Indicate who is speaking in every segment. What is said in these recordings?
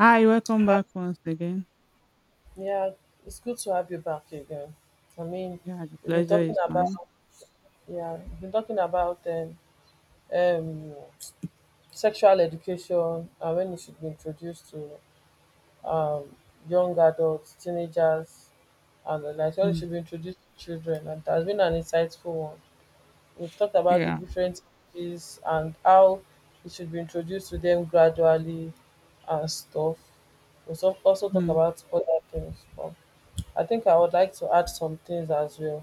Speaker 1: Hi, welcome
Speaker 2: Hi.
Speaker 1: back once again.
Speaker 2: Yeah, it's good to have you back again. I mean,
Speaker 1: Yeah, the
Speaker 2: we've been
Speaker 1: pleasure
Speaker 2: talking
Speaker 1: is
Speaker 2: about
Speaker 1: mine.
Speaker 2: yeah, we've been talking about um sexual education and when it should be introduced to um young adults, teenagers, and the like. When it
Speaker 1: Mm.
Speaker 2: should be introduced to children, and it has been an insightful one. We've talked about the
Speaker 1: Yeah.
Speaker 2: different ages and how it should be introduced to them gradually and stuff. We also talk
Speaker 1: Mm.
Speaker 2: about other things. I think I would like to add some things as well.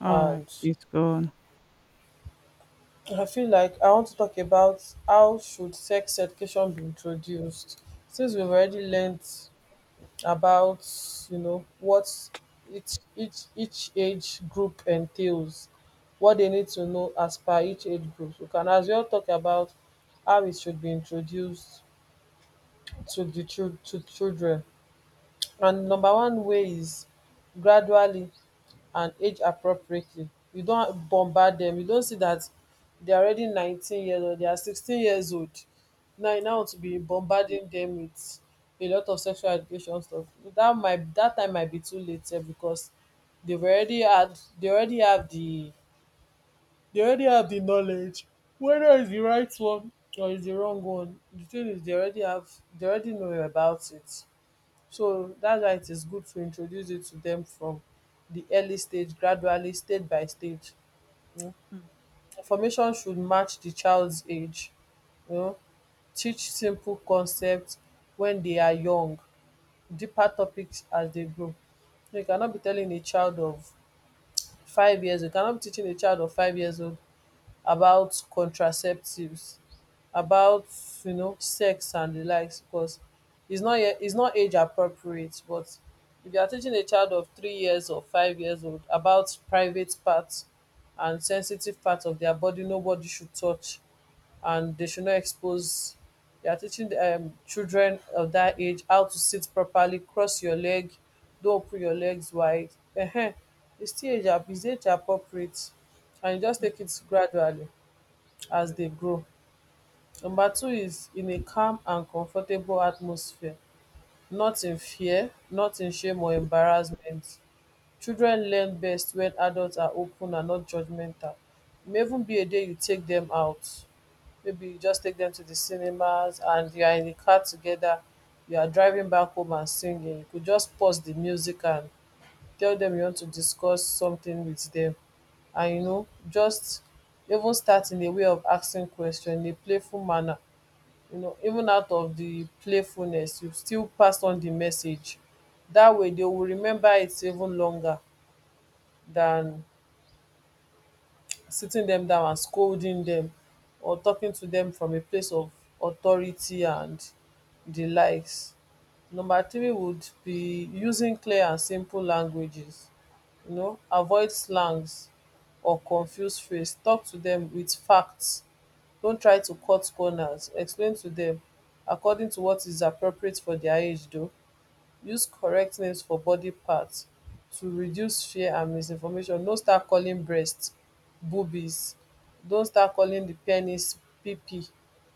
Speaker 1: All right,
Speaker 2: And
Speaker 1: it's gone.
Speaker 2: I feel like I want to talk about how should sex education be introduced. Since we've already learned about, you know, what each age group entails, what they need to know as per each age group. We can as well talk about how it should be introduced to the chil- to children. And number one way is gradually and age appropriately. You don't bombard them. You don't see that they are already 19 years old, they are 16 years old, now you now want to be
Speaker 1: Mm,
Speaker 2: bombarding them with a lot of sexual education stuff. That time might be too late sef because they've already had they already have the they already have the knowledge, whether it's the right one or it's the wrong one. The thing is they already know about it. So that's why it is good to introduce it to them from the early stage, gradually, stage by stage.
Speaker 1: mm,
Speaker 2: Information should match the child's age. You know, teach simple concepts when they are young, deeper topics as they grow. You cannot be telling a child of 5 years, you cannot be teaching a child of 5 years old about contraceptives, about sex and the likes because it's not age appropriate. But if you are teaching a child of 3 years or 5 years old about private parts and sensitive parts of their body, nobody should touch, and they should not expose. You are teaching the, children of that age how to sit properly, cross your leg, don't open your legs wide. Ehen. It's still age, it's age appropriate, and you just
Speaker 1: mm,
Speaker 2: take it gradually as they grow. Number two is in a calm and comfortable atmosphere, not in fear, not in shame or embarrassment. Children learn best when adults are open and not judgmental. E may even be a day you take them out. Maybe you just take them to the cinemas and you are in the car together, you are driving back home and singing. You could just pause the music and tell them you want to discuss something with them, and you know just even start in a way of asking question in a playful manner. You know, even out of the playfulness, you still pass on the message. That way, they will remember it even longer than sitting them down and scolding them, or talking to them from a place of authority and the likes. Number three would be using clear and simple languages. You know, avoid slangs or confused phrase. Talk to them with facts. Don't try to cut corners. Explain to them according to what is appropriate for their age, though use correct names for body parts to reduce fear and misinformation. No start calling breast boobies. Don't start calling the penis pp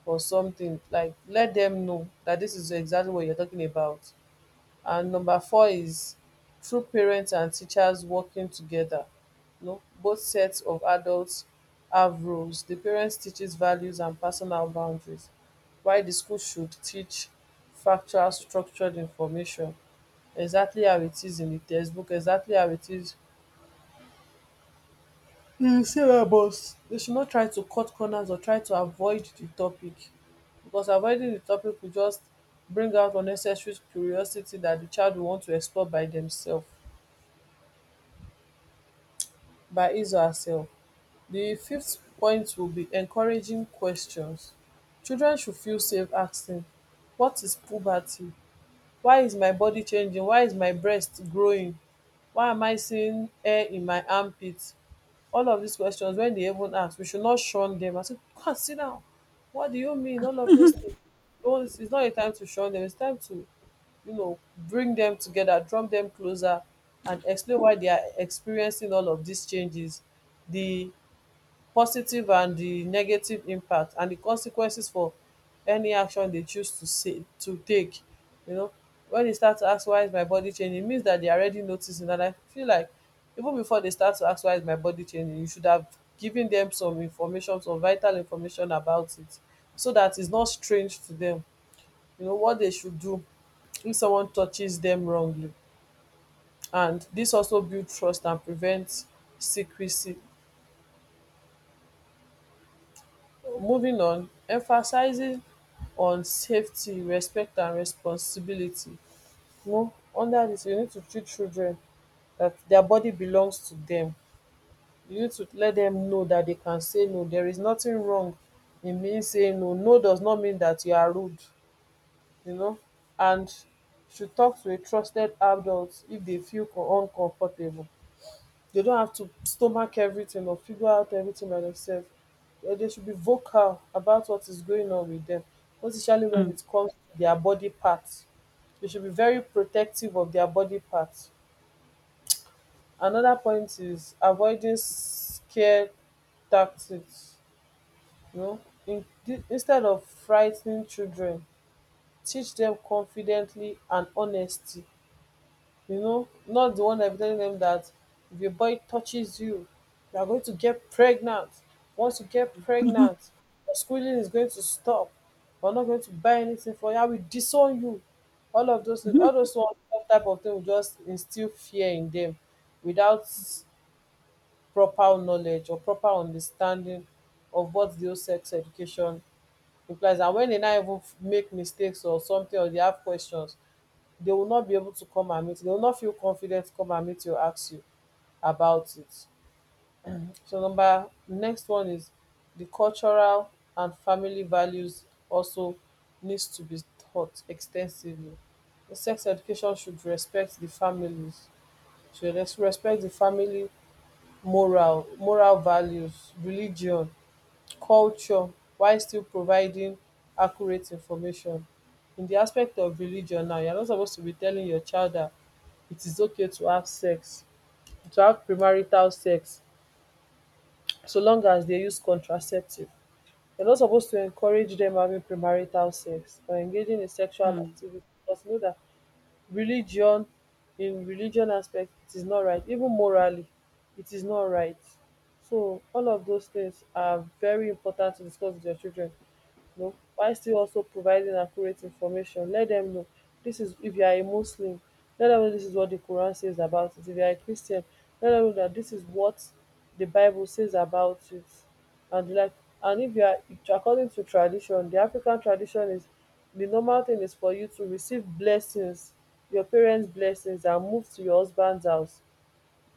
Speaker 2: or something. Like, let them know that this is exactly what you're talking about. And number four is true: parents and teachers working together. You know, both sets of adults have roles. The parents teaches values and personal boundaries, while the school should teach factual structured information, exactly how it is in the textbook, exactly how it is. Because they should not try to cut corners or try to avoid the topic. Because avoiding the topic will just bring out unnecessary curiosity that the child will want to explore by themselves, by his or herself. The fifth point will be encouraging questions. Children should feel safe asking, what is puberty? Why is my body changing? Why is my breast growing? Why am I seeing hair in my armpit? All of these questions, when they even ask, we should not shun them. I said, come sit down. What do you mean? All of those
Speaker 1: mhm,
Speaker 2: things. Don't, it's not a time to shun them. It's time to, you know, bring them together, drop them closer, and explain why they are experiencing all of these changes. The positive and the negative impact and the consequences for any action they choose to say to take. You know, when they start to ask why is my body changing, it means that they are already noticing. And I feel like even before they start to ask why is my body changing, you should have given them some information, some vital information about it, so that it's not strange to them. You know what they should do if someone touches them wrongly. And this also builds trust and prevents secrecy. Moving on, emphasising on safety, respect and responsibility. You know, under dis you need to teach children that their body belongs to them. You need to let them know that they can say no. There is nothing wrong in me saying no. No does not mean that you are rude, you know, and should talk to a trusted adult if they feel uncomfortable. They don't have to stomach everything or figure out everything by themselves. Eh, they should be vocal about what is going on with them, especially when
Speaker 1: mm,
Speaker 2: it comes to their body parts. They should be very protective of their body parts. Another point is avoiding scare tactics. You know, in, instead of frightening children, teach them confidently and honesty. You know, not the one that be telling them that if your boy touches you, you are going to get pregnant. Once you get pregnant, your schooling is going to stop. We're not going to buy anything for you. I will disown you. All of those things,
Speaker 1: mhm,
Speaker 2: all those one, that type of thing will just instill fear in them without proper knowledge or proper understanding of what the whole sex education implies. And when they now even make mistakes or something, or they have questions, they will not be able to come and meet, they will not feel confident to come and meet you, ask you about it. So number next one is the cultural and family values also needs to be taught extensively. The sex education should respect the families, should respect the family, moral values, religion, culture, while still providing accurate information. In the aspect of religion now, you're not supposed to be telling your child that it is okay to have sex, to have premarital sex, so long as they use contraceptive. You're not supposed to encourage them having premarital sex or engaging in sexual
Speaker 1: mhm,
Speaker 2: activity because you know that religion, in religion aspect, it is not right. Even morally, it is not right. So all of those things are very important to discuss with your children. You know, while still also providing accurate information, let them know this is if you are a Muslim, let them know this is what the Quran says about it. If you are a Christian, let them know that this is what the Bible says about it. And like, and if you are according to tradition, the African tradition is, the normal thing is for you to receive blessings, your parents blessings and move to your husbands house.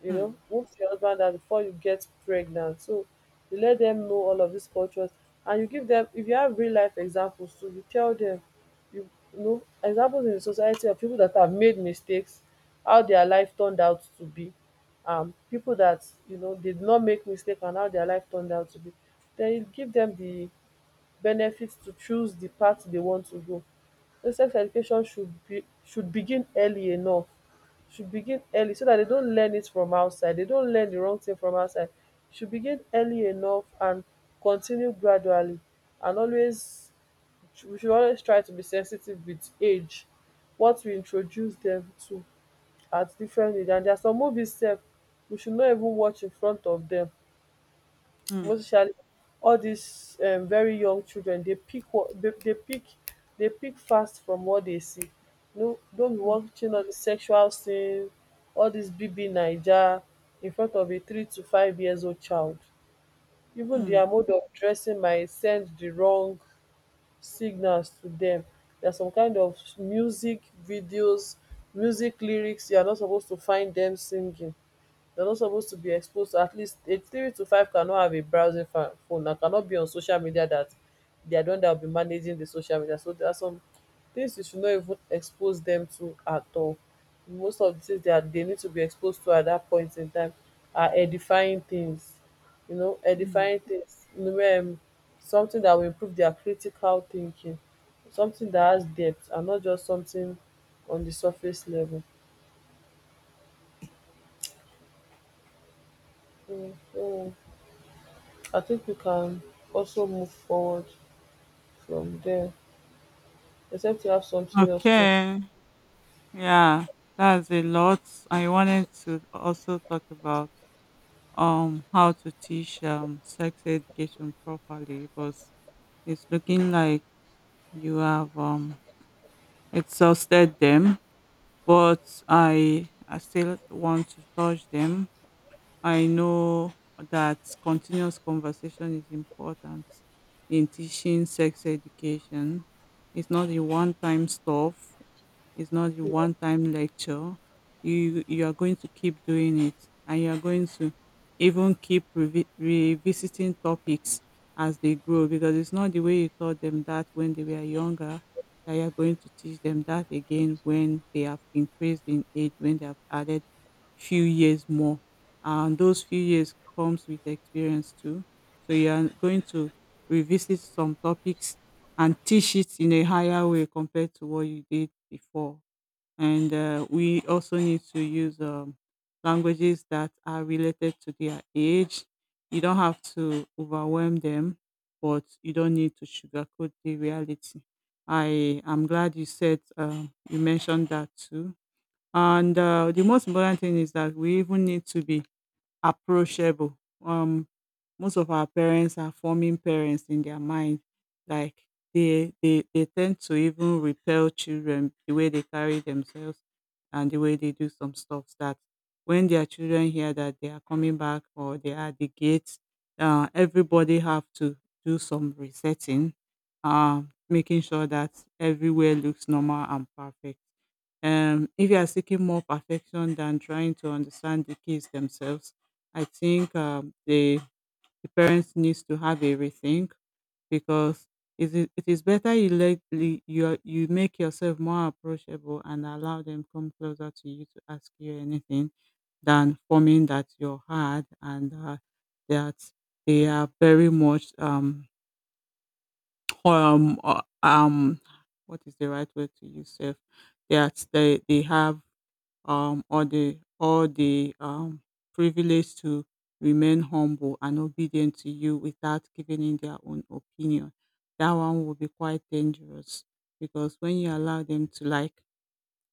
Speaker 2: You know,
Speaker 1: mm,
Speaker 2: move to your husband house before you get pregnant. So you let them know all of these cultures, and you give them, if you have real life examples too, you tell them, you, you know examples in the society of people that have made mistakes, how their life turned out to be. Um, people that you know did not make mistake and how their life turned out to be. Then you give them the benefits to choose the path they want to go. So sex education should be, should begin early enough, should begin early so that they don't learn it from outside. They don't learn the wrong thing from outside. Should begin early enough and continue gradually, and always we should always try to be sensitive with age, what we introduce them to at different age. And there are some movies sef we should not even watch in front of them,
Speaker 1: mm,
Speaker 2: most
Speaker 1: mm,
Speaker 2: especially all these very young children. They pick what they dey pick. They pick fast from what they see. No, no be
Speaker 1: mm,
Speaker 2: watching all the sexual scene, all this BB Naija in front of a 3 to 5 years old child. Even
Speaker 1: mm,
Speaker 2: their mode of dressing might send the wrong signals to them. There's some kind of music videos, music lyrics you are not supposed to find them singing. You're not supposed to be exposed to, at least a three to five cannot have a browsing phone and cannot be on social media, that they are the one that will be managing the social media. So there are some things you should not even expose them to at all. Most of the things that they need to be exposed to at that point in time are edifying things, you know,
Speaker 1: mm.
Speaker 2: edifying things, you know, something that will improve their critical thinking, something that has depth and not just something on the surface level. Mm, mm. I think we can also move forward from there, except you have something else to.
Speaker 1: Okay. Yeah, that's a lot. I wanted to also talk about how to teach sex education properly, but it's looking like you have exhausted them. But I still want to touch them. I know that continuous conversation is important in teaching sex education. It's not a one time stuff. It's not a one time lecture. You are going to keep doing it, and you are going to even keep revisiting topics as they grow, because it's not the way you taught them that when they were younger that you are going to teach them that again when they have increased in age, when they have added few years more, and those few years comes with experience too, so you are going to revisit some topics and teach it in a higher way compared to what you did before. And we also need to use languages that are related to their age. You don't have to overwhelm them, but you don't need to sugarcoat the reality. I am glad you said you mentioned that too. And the most important thing is that we even need to be approachable. Um, Most of our parents are forming parents in their mind. Like they tend to even repel children the way they carry themselves and the way they do some stuff that when their children hear that they are coming back or they are at the gate, everybody have to do some resetting, uh, making sure that everywhere looks normal and perfect. If you are seeking more perfection than trying to understand the kids themselves, I think the, parents needs to have a rethink, because it is better you let le- you are- you make yourself more approachable and allow them come closer to you to ask you anything, than forming that you're hard and that they are very much um uh, um what is the right word to use? Self that they have, or the privilege to remain humble and obedient to you without giving in their own opinion. That one will be quite dangerous, because when you allow them to, like,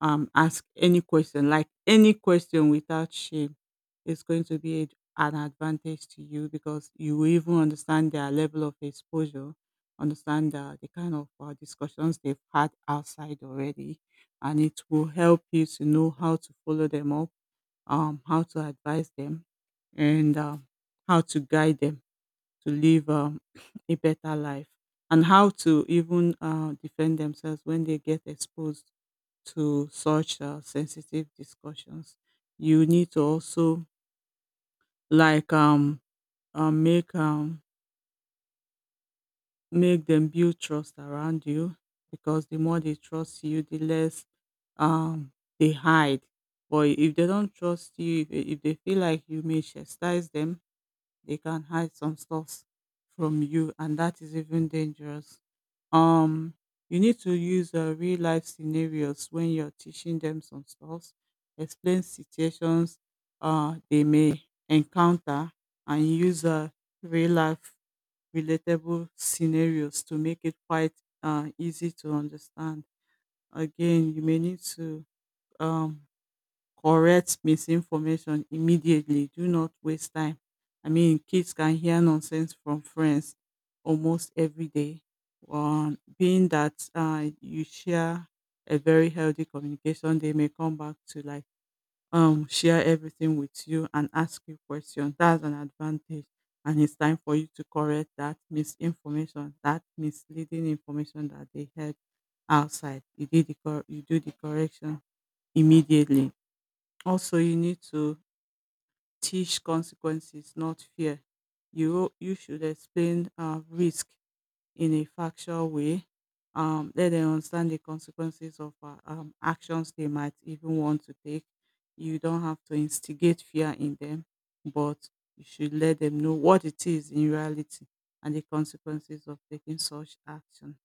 Speaker 1: ask any question, like any question without shame, is going to be an advantage to you, because you will even understand their level of exposure, understand the kind of discussions they've had outside already, and it will help you to know how to follow them up, how to advise them, and how to guide them to live a better life, and how to even defend themselves when they get exposed to such sensitive discussions. You need to also, like, um make um make them build trust around you, because the more they trust you, the less um they hide. But if they don't trust you, if they feel like you may chastise them, they can hide some stuff from you, and that is even dangerous. um you need to use real life scenarios when you're teaching them some stuff. Explain situations they may encounter, and use real life relatable scenarios to make it quite easy to understand. Again, you may need to um, correct misinformation immediately. Do not waste time. I mean, kids can hear nonsense from friends almost every day. Being that you share a very healthy communication, they may come back to, like, share everything with you and ask you questions. That's an advantage, and it's time for you to correct that misinformation, that misleading information that they heard outside. You do the correction immediately. Also, you need to teach consequences, not fear. You should explain risk in a factual way. Let them understand the consequences of actions they might even want to take. You don't have to instigate fear in them, but you should let them know what it is in reality and the consequences of taking such action.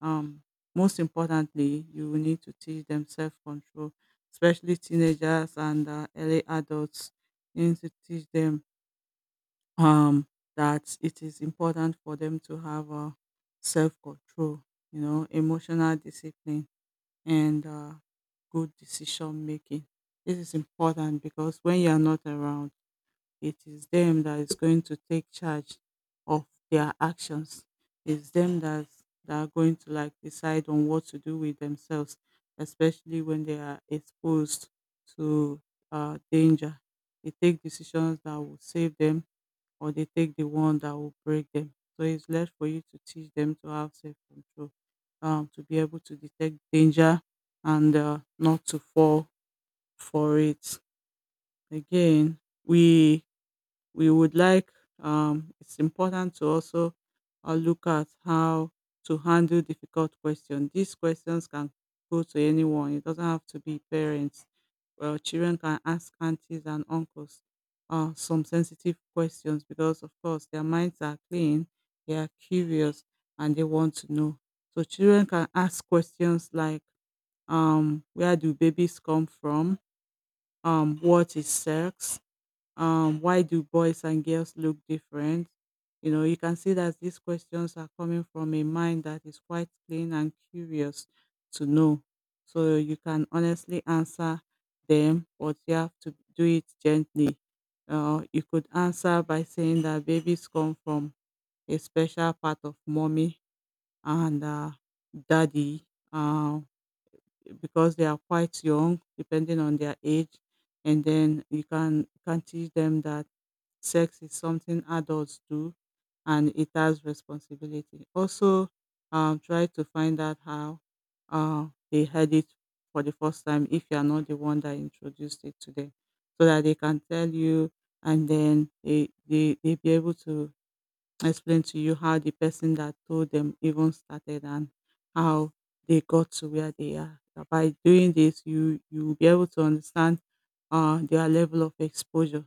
Speaker 1: Um, Most importantly, you will need to teach them self control, especially teenagers and early adults. You need to teach them um, that it is important for them to have self control, emotional discipline, and good decision making. This is important because when you are not around, it is them that is going to take charge of their actions. It's them that are going to, like, decide on what to do with themselves, especially when they are exposed to danger. They take decisions that will save them, or they take the one that will break them. So it's left for you to teach them to have self control, to be able to detect danger and not to fall for it. Again, we we would like it's important to also look at how to handle difficult questions. These questions can go to anyone. It doesn't have to be parents. Well, children can ask aunties and uncles some sensitive questions, because, of course, their minds are clean, they are curious, and they want to know. So children can ask questions like, "Where do babies come from? What is sex? Why do boys and girls look different?" You know, you can see that these questions are coming from a mind that is quite clean and curious to know. So you can honestly answer them, but you have to do it gently. You could answer by saying that babies come from a special part of mommy and daddy, uh, because they are quite young, depending on their age. And then you can teach them that sex is something adults do, and it has responsibility. Also, try to find out how they had it for the first time, if you are not the one that introduced it to them, so that they can tell you, and then they be able to explain to you how the person that told them even started and how they got to where they are. By doing this, you will be able to understand their level of exposure.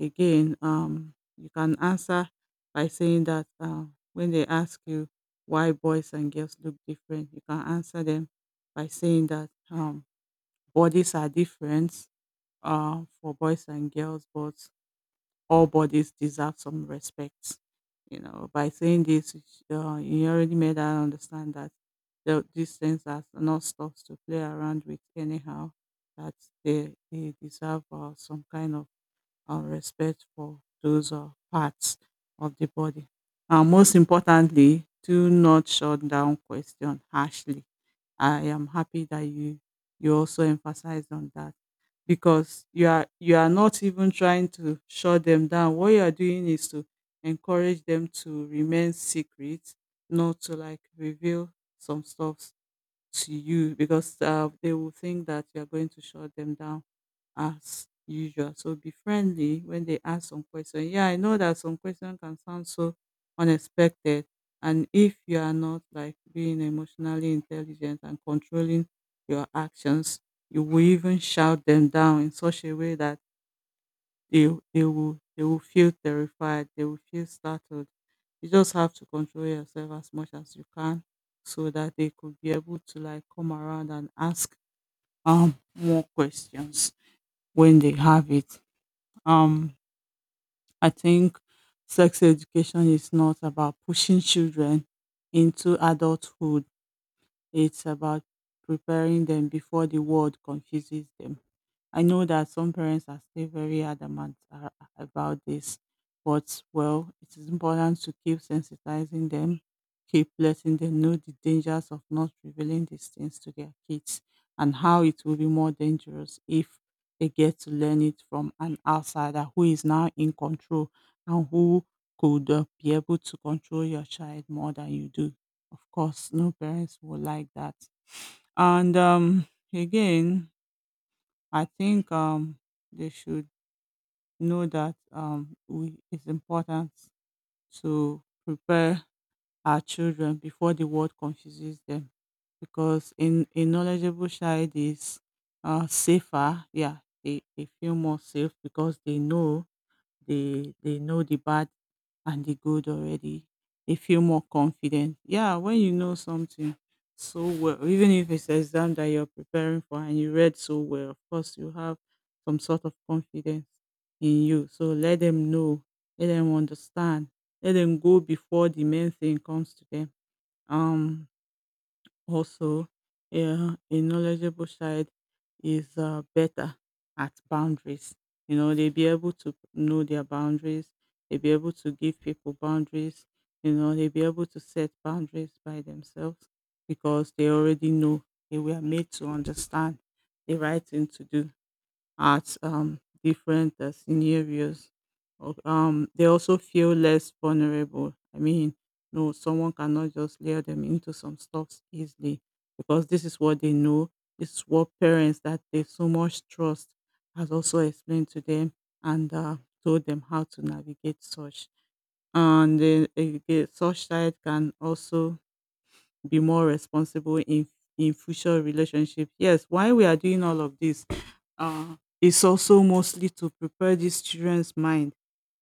Speaker 1: Again, you can answer by saying that, when they ask you why boys and girls look different, you can answer them by saying that bodies are different for boys and girls, but all bodies deserve some respect. You know, by saying this, you already made her understand that these things are not stuff to play around with anyhow. That they deserve some kind of and respect for those parts of the body. And most importantly, do not shut down question harshly. I am happy that you also emphasized on that, because you are not even trying to shut them down. What you are doing is to encourage them to remain secret, not to, like, reveal some stuff to you, because they will think that you are going to shut them down as usual. So be friendly when they ask some question. Yeah, I know that some question can sound so unexpected, and if you are not, like, being emotionally intelligent and controlling your actions, you will even shout them down in such a way that they they will feel terrified, they will feel startled. You just have to control yourself as much as you can, so that they could be able to, like, come around and ask more questions when they have it. Um I think sex education is not about pushing children into adulthood. It's about preparing them before the world confuses them. I know that some parents are still very adamant about this, but, well, it is important to keep sensitizing them, keep letting them know the dangers of not revealing these things to their kids, and how it will be more dangerous if they get to learn it from an outsider who is now in control, and who could be able to control your child more than you do. Of course, no parents would like that. And again, I think they should know that, it's important to prepare our children before the world confuses them, because in a knowledgeable child is safer. Yeah, they feel more safe, because they know they know the bad and the good already. They feel more confident. Yeah, when you know something so well, even if it's an exam that you're preparing for and you read so well, of course you have some sort of confidence in you. So let them know, let them understand, let them go before the main thing comes to them. Um also, yeah, a knowledgeable child is better at boundaries. You know, they be able to know their boundaries. They be able to give people boundaries. You know, they be able to set boundaries by themselves because they already know they were made to understand the right thing to do at different scenarios. They also feel less vulnerable. I mean, no, someone cannot just lure them into some stuff easily because this is what they know. This is what parents that they so much trust has also explained to them and told them how to navigate such. And the such side can also be more responsible in future relationship. Yes, why we are doing all of this is also mostly to prepare these children's mind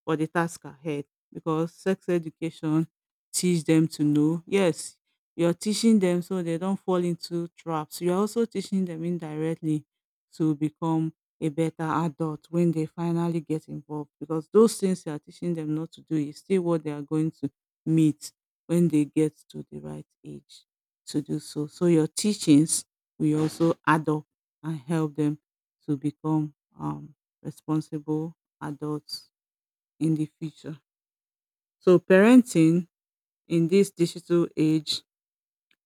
Speaker 1: for the task ahead because sex education teach them to know. Yes, you're teaching them so they don't fall into traps. You're also teaching them indirectly to become a better adult when they finally get involved, because those things you are teaching them not to do is still what they are going to meet when they get to the right age to do so. So your teachings will also add up and help them to become responsible adults in the future. So parenting in this digital age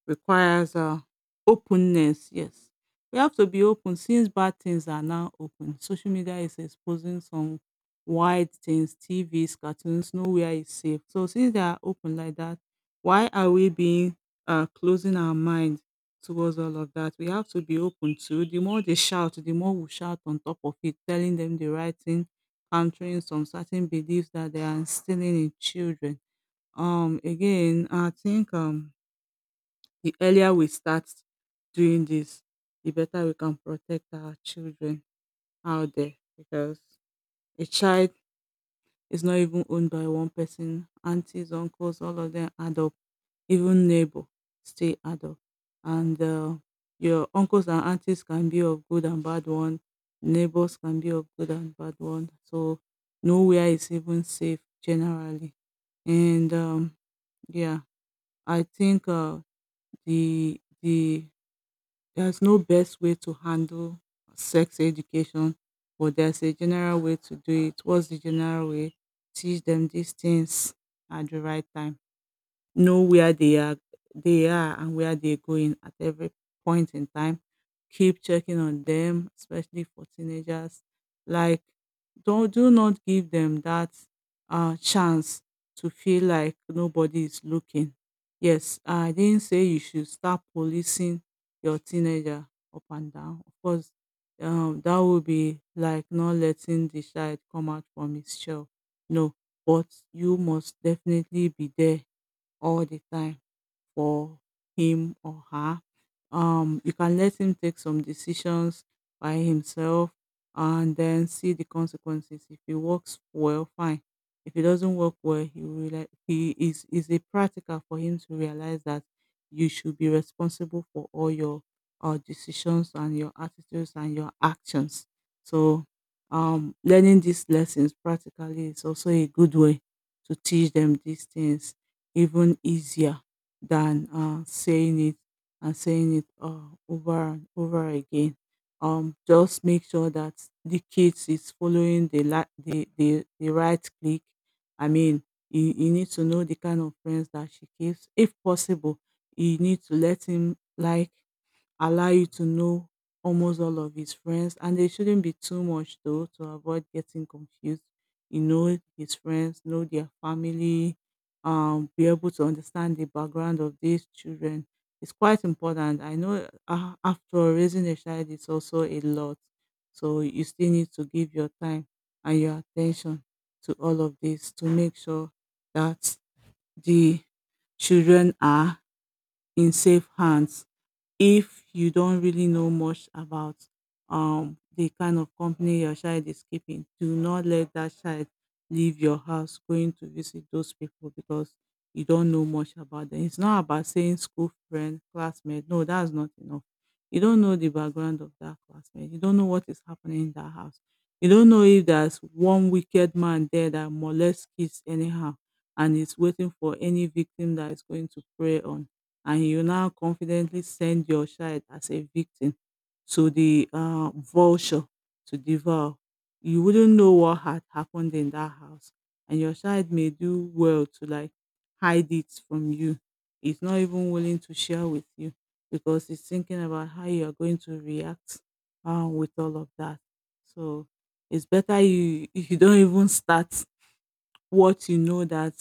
Speaker 1: requires openness. Yes, we have to be open since bad things are now open. Social media is exposing some wide things, TVs, cartoons, nowhere is safe. So since they are open like that, why are we being closing our mind towards all of that? We have to be open. To the more they shout, the more we shout on top of it, telling them the right thing, countering some certain beliefs that they are instilling in children. Again, I think the earlier we start doing this, the better we can protect our children out there, because a child is not even owned by one person. Aunties, uncles, all of them add up. Even neighbor stay add up. And Your uncles and aunties can be of good and bad one. Neighbors can be of good and bad one. So nowhere is even safe generally. And Yeah, I think the the there's no best way to handle sex education, but there's a general way to do it. What's the general way? Teach them these things at the right time, know where they are and where they're going at every point in time. Keep checking on them, especially for teenagers. Like don't do not give them that chance to feel like nobody is looking. Yes, I didn't say you should start policing your teenager up and down. Of course, that would be like not letting the child come out from his shell. No, but you must definitely be there all the time for him or her. You can let him take some decisions by himself and then see the consequences. If it works well, fine. If it doesn't work well, he realize he is a practical for him to realize that you should be responsible for all your decisions and your attitudes and your actions. So, learning these lessons practically is also a good way to teach them these things even easier than saying it and saying it over and over again. Just make sure that the kids is following the the right click. I mean, you need to know the kind of friends that she keeps. If possible, you need to let him like allow you to know almost all of his friends, and they shouldn't be too much though, to avoid getting confused. You know his friends, know their family, be able to understand the background of these children. It's quite important. I know after all, raising a child is also a lot, so you still need to give your time and your attention to all of this to make sure that the children are in safe hands. If you don't really know much about the kind of company your child is keeping, do not let that child leave your house going to visit those people, because you don't know much about them. It's not about saying school friend, classmate. No, that's not enough. You don't know the background of that classmate. You don't know what is happening in that house. You don't know if there's one wicked man there that molests kids anyhow and is waiting for any victim that is going to prey on, and you now confidently send your child as a victim to the vulture to devour. You wouldn't know what had happened in that house. And your child may do well to like hide it from you. It's not even willing to share with you because it's thinking about how you are going to react with all of that. So it's better you you don't even start what you know that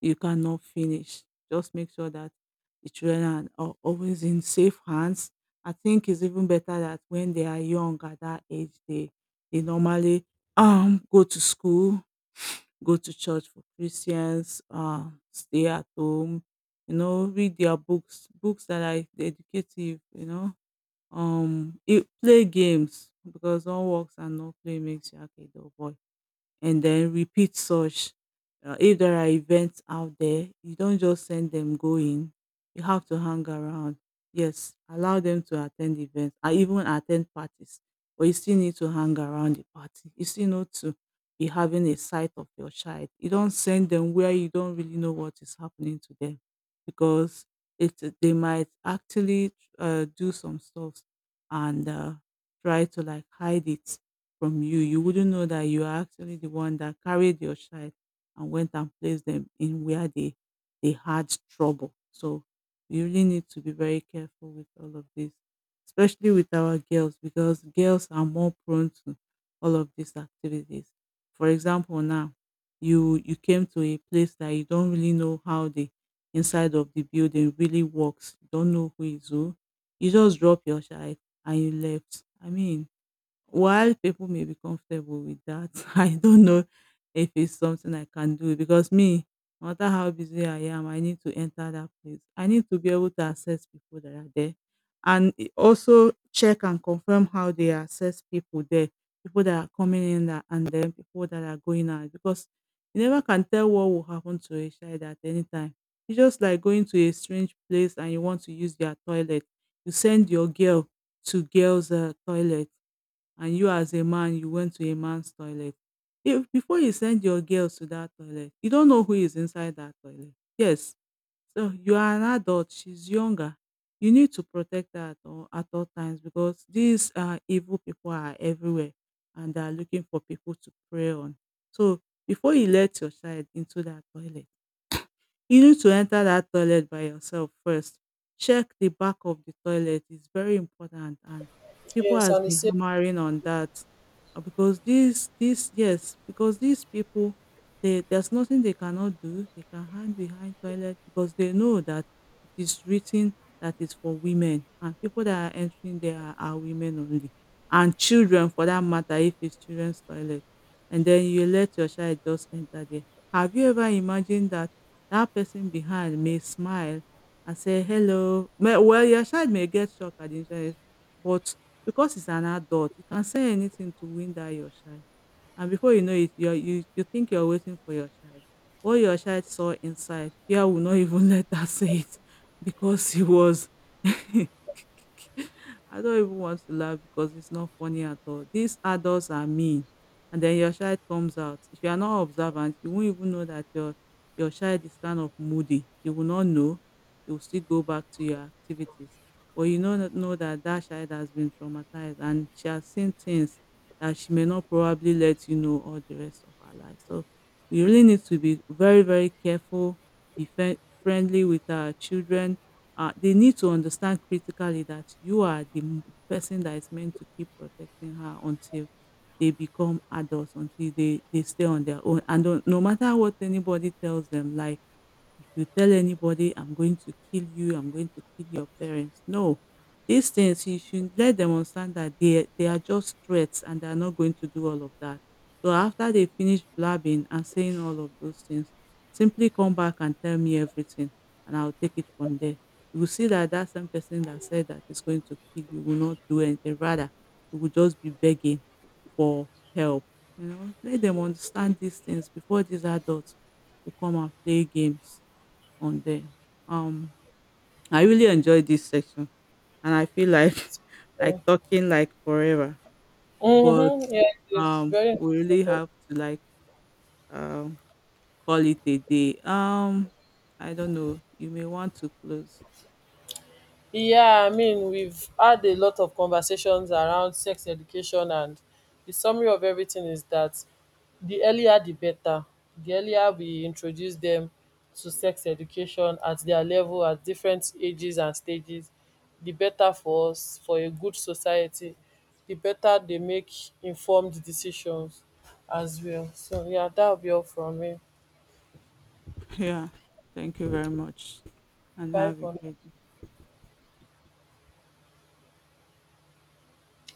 Speaker 1: you cannot finish. Just make sure that the children are always in safe hands. I think it's even better that when they are young at that age, they normally go to school, go to church for Christians, stay at home, you know, read their books, books that are educative, you know, it play games, because all works and no play makes Jack a dull boy, and then repeat such. If there are events out there, you don't just send them going. You have to hang around. Yes, allow them to attend events. I even attend parties, but you still need to hang around the party. You still need to be having a sight of your child. You don't send them where you don't really know what is happening to them, because it they might actually do some stuff and try to like hide it from you. You wouldn't know that you are actually the one that carried your child and went and placed them in where they had trouble. So we really need to be very careful with all of this, especially with our girls, because girls are more prone to all of these activities. For example, now you came to a place that you don't really know how the inside of the building really works. You don't know who is who. You just drop your child and you left. I mean, while people may be comfortable with that, I don't know if it's something I can do, because me, no matter how busy I am, I need to enter that place. I need to be able to access people that are there, and also check and confirm how they access people there, people that are coming in that, and then people that are going out, because you never can tell what will happen to a child at any time. It's just like going to a strange place and you want to use their toilet. You send your girl to girls' toilet, and you as a man, you went to a man's toilet. If before you send your girls to that toilet, you don't know who is inside that toilet. Yes, so you are an adult, she's younger. You need to protect her at all times, because these evil people are everywhere and they are looking for people to prey on. So before you let your child into that toilet, you need to enter that toilet by yourself first. Check the back of the toilet. It's very important. And people
Speaker 2: Yes,
Speaker 1: has
Speaker 2: and it's
Speaker 1: been
Speaker 2: safe.
Speaker 1: hammering on that. Because these, yes, because these people they there's nothing they cannot do. They can hide behind toilet because they know that it is written that is for women, and people that are entering there are women only. And children, for that matter, if it's children's toilet. And then you let your child just enter there. Have you ever imagined that that person behind may smile and say, "Hello." Me well, your child may get shocked at the insurance, but because he's an adult, he can say anything to win that your child. And before you know it, you're, you think you're waiting for your child. What your child saw inside, fear will not even let her say it because he was. I don't even want to laugh because it's not funny at all. These adults are mean, and then your child comes out. If you are not observant, you won't even know that your child is kind of moody. You will not know. You will still go back to your activities. But you know that that child has been traumatized and she has seen things that she may not probably let you know all the rest of her life. So we really need to be very, very careful, be friendly with our children. They need to understand critically that you are the person that is meant to keep protecting her until they become adults, until they stay on their own. And no matter what anybody tells them, like if you tell anybody, I'm going to kill you, I'm going to kill your parents. No, these things you should let them understand that they are just threats, and they are not going to do all of that. So after they finish blabbing and saying all of those things, simply come back and tell me everything and I'll take it from there. You will see that that same person that said that is going to kill you will not do anything. Rather, you will just be begging for help. You know, let them understand these things before these adults will come and play games on them. Um, I really enjoyed this section, and I feel like like talking like forever, but
Speaker 2: Mm-hmm. Yeah, it's very
Speaker 1: we
Speaker 2: interesting
Speaker 1: really
Speaker 2: topic.
Speaker 1: have to like um call it a day. I don't know. You may want to close.
Speaker 2: Yeah, I mean, we've had a lot of conversations around sex education, and the summary of everything is that the earlier the better. The earlier we introduce them to sex education at their level, at different ages and stages, the better for us, for a good society, the better they make informed decisions as well. So, yeah, that'll be all from me.
Speaker 1: Yeah. Thank you very much, and
Speaker 2: Bye
Speaker 1: have a
Speaker 2: for now.
Speaker 1: great day.